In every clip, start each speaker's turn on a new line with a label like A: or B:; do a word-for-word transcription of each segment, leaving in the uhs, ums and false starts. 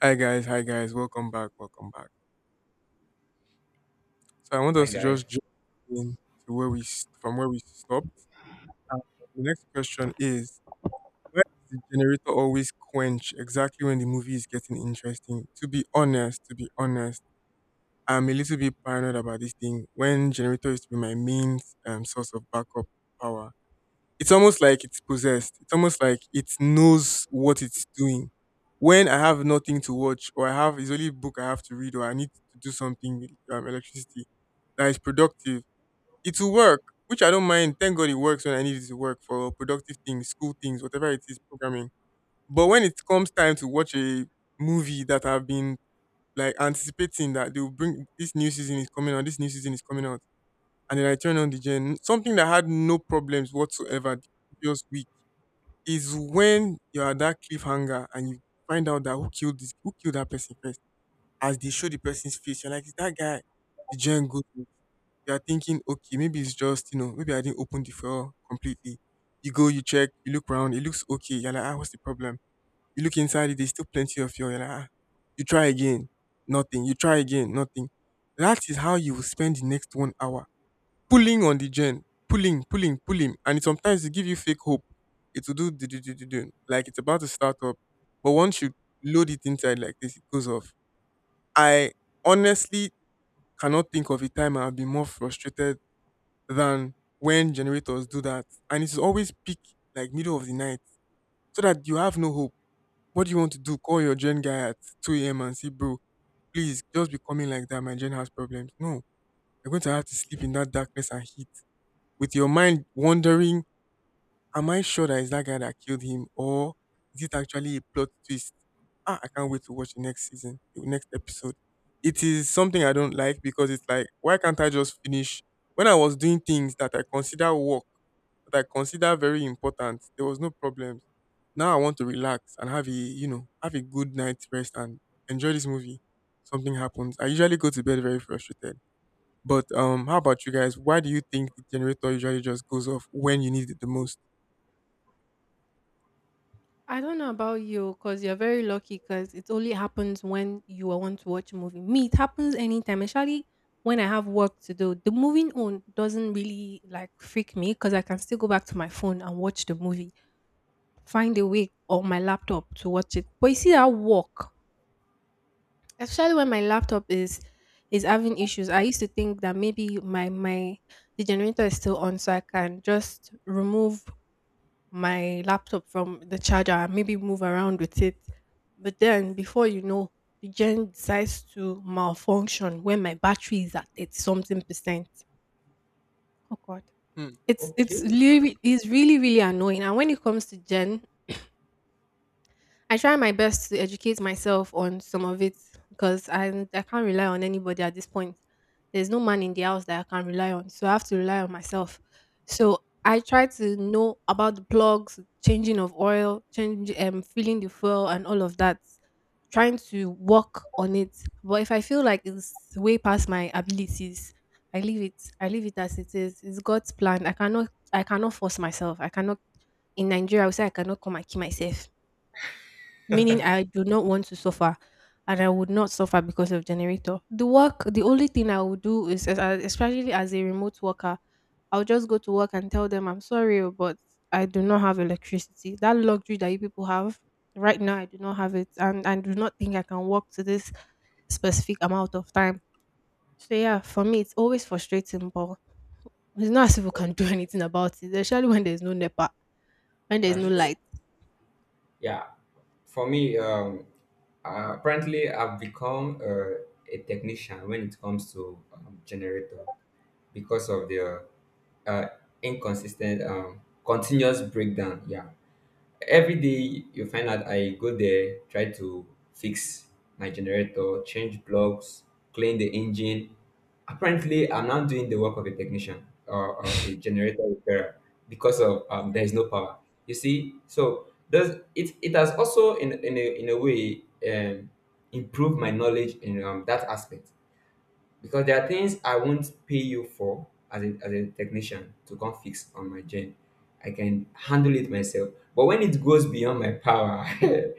A: Hi guys, hi guys, welcome back, welcome back. So I want
B: Hi,
A: us to
B: guy.
A: just jump in to where we s- from where we stopped. And the next question is: Why does the generator always quench exactly when the movie is getting interesting? To be honest, to be honest, I'm a little bit paranoid about this thing. When generator used to be my main um, source of backup power, it's almost like it's possessed. It's almost like it knows what it's doing. When I have nothing to watch, or I have it's only book I have to read, or I need to do something with um, electricity that is productive, it will work, which I don't mind. Thank God it works when I need it to work for productive things, school things, whatever it is, programming. But when it comes time to watch a movie that I've been like anticipating that they will bring this new season is coming out, this new season is coming out, and then I turn on the gen, something that had no problems whatsoever the previous week is when you're at that cliffhanger and you find out that who killed this who killed that person first. As they show the person's face, you're like, is that guy the gen good? You're thinking, okay, maybe it's just, you know, maybe I didn't open the file completely. You go, you check, you look around, it looks okay. You're like, ah, what's the problem? You look inside it, there's still plenty of fuel. You're like, ah, you try again, nothing. You try again, nothing. That is how you will spend the next one hour pulling on the gen, pulling, pulling, pulling, and it sometimes it give you fake hope. It will do, do, do, do, do, do, like it's about to start up. But once you load it inside like this, it goes off. I honestly cannot think of a time I've been more frustrated than when generators do that. And it's always peak like middle of the night so that you have no hope. What do you want to do? Call your gen guy at two a m and say, bro, please just be coming like that. My gen has problems. No, you're going to have to sleep in that darkness and heat with your mind wandering, am I sure that it's that guy that killed him or is it actually a plot twist? Ah, I can't wait to watch the next season, the next episode. It is something I don't like because it's like, why can't I just finish? When I was doing things that I consider work, that I consider very important, there was no problem. Now I want to relax and have a, you know, have a good night's rest and enjoy this movie. Something happens. I usually go to bed very frustrated. But um, how about you guys? Why do you think the generator usually just goes off when you need it the most?
C: I don't know about you because you're very lucky, because it only happens when you are want to watch a movie. Me, it happens anytime, especially when I have work to do. The moving on doesn't really like freak me because I can still go back to my phone and watch the movie, find a way, or my laptop to watch it. But you see that work, especially when my laptop is is having issues. I used to think that maybe my my the generator is still on, so I can just remove my laptop from the charger and maybe move around with it. But then before you know, the gen decides to malfunction when my battery is at thirty something percent. Oh God.
A: Hmm,
C: It's it's really it's really, really annoying. And when it comes to gen, I try my best to educate myself on some of it because I I can't rely on anybody at this point. There's no man in the house that I can rely on, so I have to rely on myself. So I try to know about the plugs, changing of oil, change um filling the fuel and all of that. Trying to work on it, but if I feel like it's way past my abilities, I leave it. I leave it as it is. It's God's plan. I cannot. I cannot force myself. I cannot. In Nigeria, I would say I cannot come and kill myself, meaning I do not want to suffer, and I would not suffer because of generator. The work, the only thing I would do is, as- as- especially as a remote worker, I'll just go to work and tell them, I'm sorry, oh, but I do not have electricity. That luxury that you people have right now, I do not have it. And I do not think I can work to this specific amount of time. So, yeah, for me, it's always frustrating, but it's not as if we can do anything about it, especially when there's no NEPA, when there's
B: That's
C: no
A: right?
B: true.
C: light.
B: Yeah. For me, um, uh, apparently, I've become uh, a technician when it comes to um, generator because of the uh, inconsistent, um, continuous breakdown. Yeah. Every day you find out I go there, try to fix my generator, change plugs, clean the engine. Apparently, I'm not doing the work of a technician or, or a generator repairer because of, um, there is no power. You see, so does it it has also in in a, in a way, um, improved my knowledge in um, that aspect, because there are things I won't pay you for as a, as a technician to come fix on my gen. I can handle it myself. But when it goes beyond my power,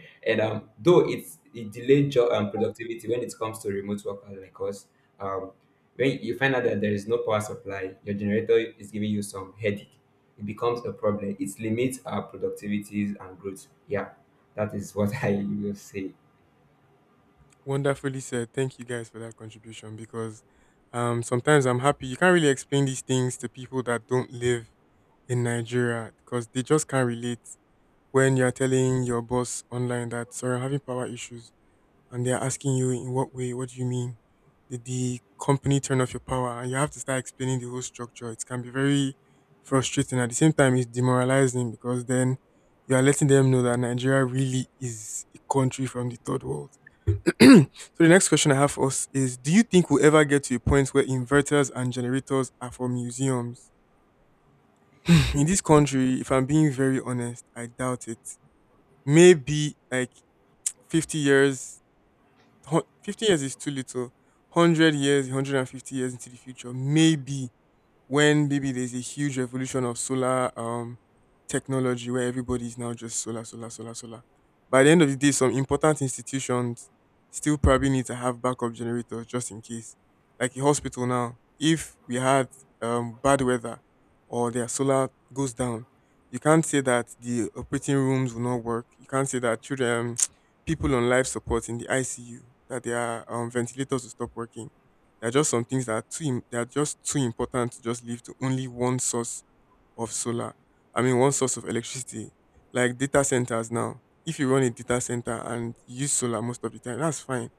B: and um, though it's it delayed job and productivity when it comes to remote workers like us, um, when you find out that there is no power supply, your generator is giving you some headache, it becomes a problem. It limits our productivities and growth. Yeah, that is what I will say.
A: Wonderfully said. Thank you guys for that contribution because um, sometimes I'm happy. You can't really explain these things to people that don't live in Nigeria because they just can't relate when you're telling your boss online that, sorry, I'm having power issues. And they're asking you, in what way? What do you mean? Did the company turn off your power? And you have to start explaining the whole structure. It can be very frustrating. At the same time, it's demoralizing because then you are letting them know that Nigeria really is a country from the third world. So the next question I have for us is: Do you think we'll ever get to a point where inverters and generators are for museums in this country? If I'm being very honest, I doubt it. Maybe like fifty years. hun- fifty years is too little. one hundred years, one hundred fifty years into the future, maybe. When maybe there's a huge revolution of solar um technology where everybody is now just solar, solar, solar, solar. By the end of the day, some important institutions still probably need to have backup generators just in case. Like a hospital now, if we had um, bad weather or their solar goes down, you can't say that the operating rooms will not work. You can't say that children, people on life support in the I C U, that their um, ventilators will stop working. There are just some things that are too im- that are just too important to just leave to only one source of solar. I mean, one source of electricity, like data centers. Now, if you run a data center and you use solar most of the time, that's fine,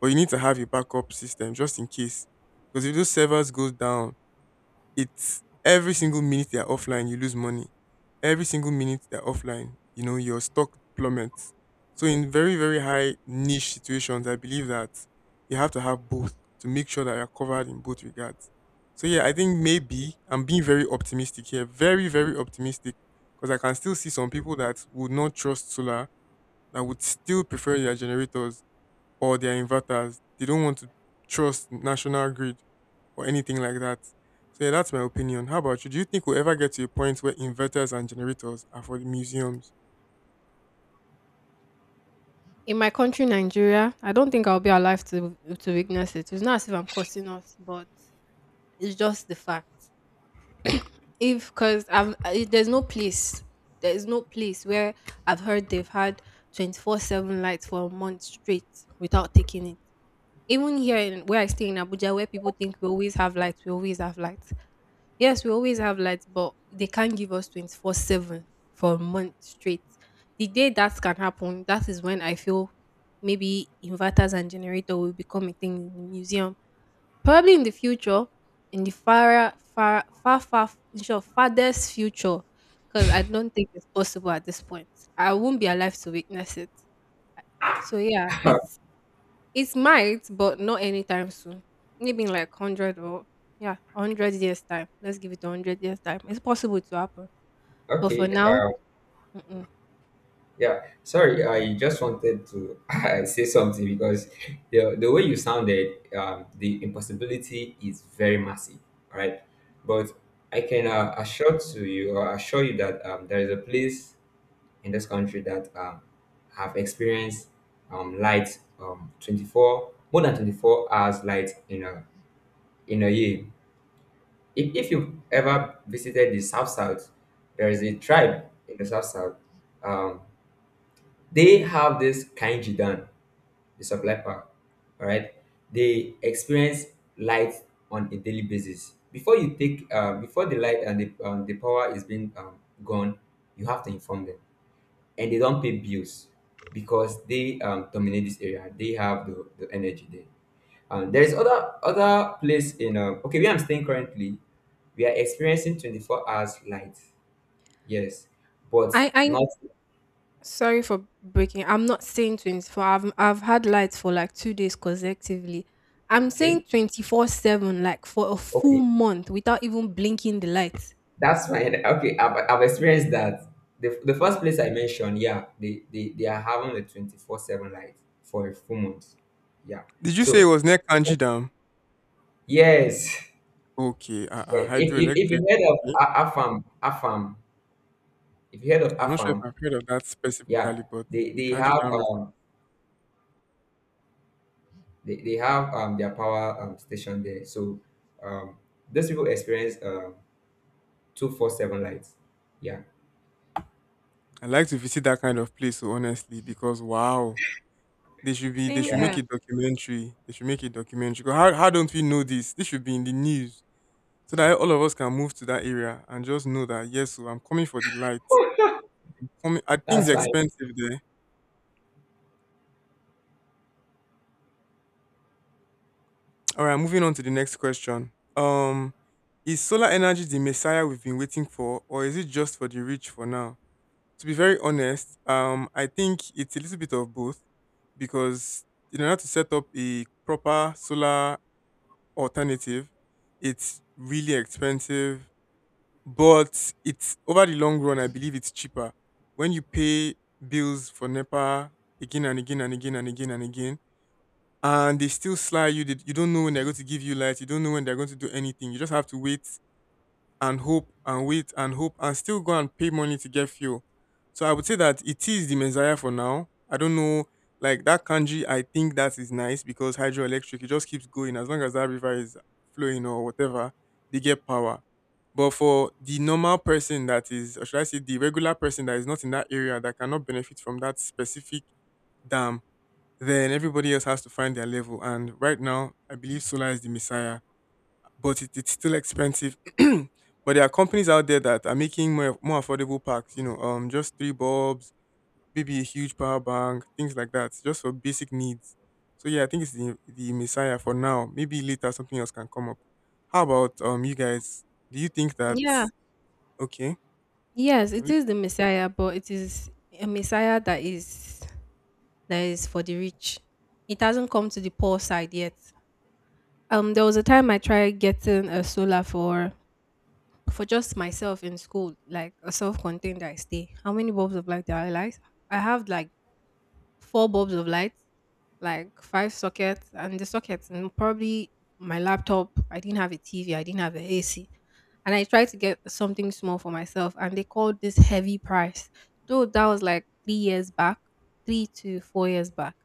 A: but you need to have a backup system just in case, because if those servers goes down, it's every single minute they're offline, you lose money. Every single minute they're offline, you know, your stock plummets. So in very, very high niche situations, I believe that you have to have both to make sure that you're covered in both regards. So yeah, I think maybe I'm being very optimistic here. Very, very optimistic. Because I can still see some people that would not trust solar, that would still prefer their generators or their inverters. They don't want to trust national grid or anything like that. So yeah, that's my opinion. How about you? Do you think we'll ever get to a point where inverters and generators are for the museums?
C: In my country, Nigeria, I don't think I'll be alive to to witness it. It's not as if I'm cursing us, but it's just the fact. If because I've I- There's no place, there is no place where I've heard they've had twenty-four seven lights for a month straight without taking it. Even here, in where I stay in Abuja, where people think we always have lights, we always have lights. Yes, we always have lights, but they can't give us twenty-four seven for a month straight. The day that can happen, that is when I feel maybe inverters and generator will become a thing in the museum. Probably in the future, in the far, far, far, far, in short, farthest future, because I don't think it's possible at this point. I won't be alive to witness it. So yeah, it's it might, but not anytime soon. Maybe in like one hundred or, yeah, one hundred years' time. Let's give it one hundred years' time. It's possible to happen. But for
B: Okay,
C: now,
B: uh,
C: mm-mm.
B: Yeah, sorry. I just wanted to I say something because the the way you sounded, um, the impossibility is very massive, all right? But I can uh, assure to you, or assure you that um, there is a place in this country that um, have experienced um, light, um, twenty-four, more than twenty-four hours light in a in a year. If, if you ever visited the South South, there is a tribe in the South South. Um, they have this kanjidan, the supply power. All right, they experience light on a daily basis. Before you take, uh, before the light and the, um, the power is being, um, gone, you have to inform them, and they don't pay bills because they, um, dominate this area. They have the, the energy there. Um, there is other other place in, um, okay, where I'm staying currently. We are experiencing twenty-four hours light. Yes, but
C: I, I,
B: not
C: Sorry for breaking. I'm not saying twenty-four. I've, I've had lights for like two days consecutively. I'm
B: okay.
C: saying twenty-four seven, like for a full
B: Okay,
C: month without even blinking the lights.
B: that's fine. Okay, I've, I've experienced that. The, the first
C: Oh,
B: place I mentioned, yeah, they, they, they are having a twenty-four seven light for a full month. Yeah.
A: Did you say it
B: So,
A: was near Kanji Dam?
B: yes.
A: Okay, uh, uh,
B: If, if, if
A: hydroelectric.
B: you heard of
A: Okay.
B: A- AFAM, AFAM, if you heard of
A: I'm not sure if
B: AFAM,
A: I've heard of that
B: yeah,
A: specifically, but
B: they,
A: the
B: they
A: Kanji
B: have
A: Dam reference-
B: um they, they have um their power um, station there. So um those people experience um two four seven lights. Yeah,
A: I like to visit that kind of place, so honestly, because wow, they should be they
C: same
A: should
B: yeah,
A: make
C: here.
A: a documentary. They should make a documentary. 'Cause How how don't we know this? This should be in the news so that all of us can move to that area and just know that yes, so I'm coming for the light. Coming, I think it's
B: that's fine.
A: expensive there. All right, moving on to the next question. Um, is solar energy the messiah we've been waiting for, or is it just for the rich for now? To be very honest, um, I think it's a little bit of both because in order to set up a proper solar alternative, it's really expensive, but it's over the long run, I believe it's cheaper. When you pay bills for NEPA again and again and again and again and again, and they still sly you. They, you don't know when they're going to give you light. You don't know when they're going to do anything. You just have to wait and hope and wait and hope and still go and pay money to get fuel. So I would say that it is the Messiah for now. I don't know, like that kanji. I think that is nice because hydroelectric. It just keeps going as long as that river is flowing or whatever. They get power. But for the normal person that is, or should I say, the regular person that is not in that area that cannot benefit from that specific dam, then everybody else has to find their level. And right now, I believe solar is the messiah, but it, it's still expensive. But there are companies out there that are making more, more affordable packs, you know, um, just three bulbs, maybe a huge power bank, things like that, just for basic needs. So yeah, I think it's the, the messiah for now. Maybe later something else can come up. How about um you guys? Do you think that
C: Yeah.
A: okay?
C: Yes, it is the Messiah, but it is a Messiah that is that is for the rich. It hasn't come to the poor side yet. Um, there was a time I tried getting a solar for for just myself in school, like a self-contained I stay. How many bulbs of light do I like? I have like four bulbs of light, like five sockets, and the sockets, and probably my laptop. I didn't have a T V. I didn't have a AC, and I tried to get something small for myself, and they called this heavy price. Though that was like three years back, three to four years back.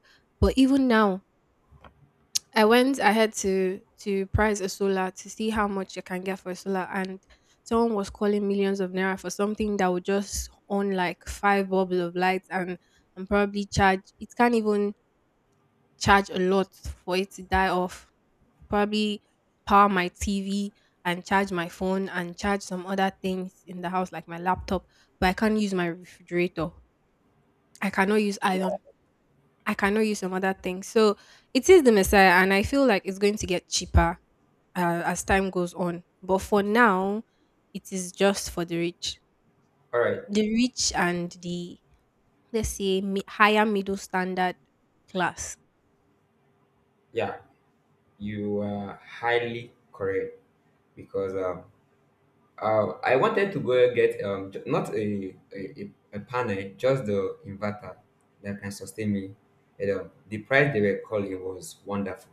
C: But even now, I went ahead to to price a solar to see how much you can get for a solar, and someone was calling millions of naira for something that would just on like five bulbs of light and and probably charge. It can't even charge a lot for it to die off. Probably power my T V and charge my phone and charge some other things in the house like my laptop, but I can't use my refrigerator. I cannot use iron. I cannot use some other things. So it is the Messiah, and I feel like it's going to get cheaper uh, as time goes on. But for now, it is just for the rich,
B: All right,
C: the rich and the, let's say, mi- higher middle standard class.
B: yeah, you are highly correct, because um, uh, I wanted to go get, um, j- not a, a, a a panel, just the inverter that can sustain me. And um, the price they were calling was wonderful.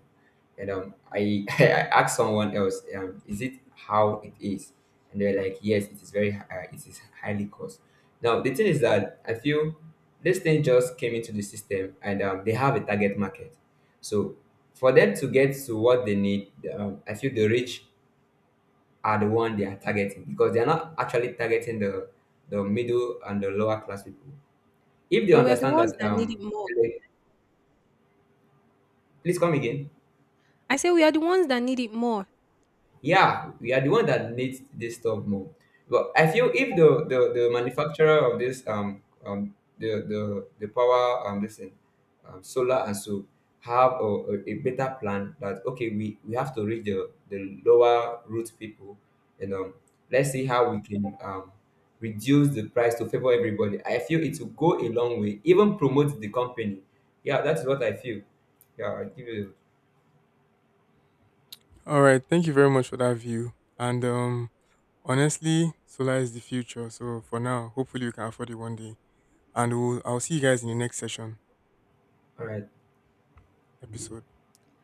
B: And um, I, I asked someone else, um, is it how it is? And they're like, yes, it is very, hi- uh, it is highly cost. Now, the thing is that I feel this thing just came into the system and, um, they have a target market. So for them to get to what they need, um, I feel the rich are the one they are targeting, because they are not actually targeting the the middle and the lower class people. If they
C: But we are the
B: understand
C: ones
B: that,
C: that need
B: um,
C: it more.
B: please come again.
C: I say we are the ones that need it more.
B: Yeah, we are the one that needs this stuff more. But I feel if the the, the manufacturer of this um um the the the power um listen, um, solar, and so have a, a, a better plan that, okay, we we have to reach the the lower root people and, um, let's see how we can, um, reduce the price to favor everybody. I feel it will go a long way, even promote the company. Yeah, that's what I feel. Yeah, I give you
A: All right, thank you very much for that view. And um honestly, solar is the future. So for now, hopefully we can afford it one day. And we'll, I'll see you guys in the next session
B: all right.
A: episode.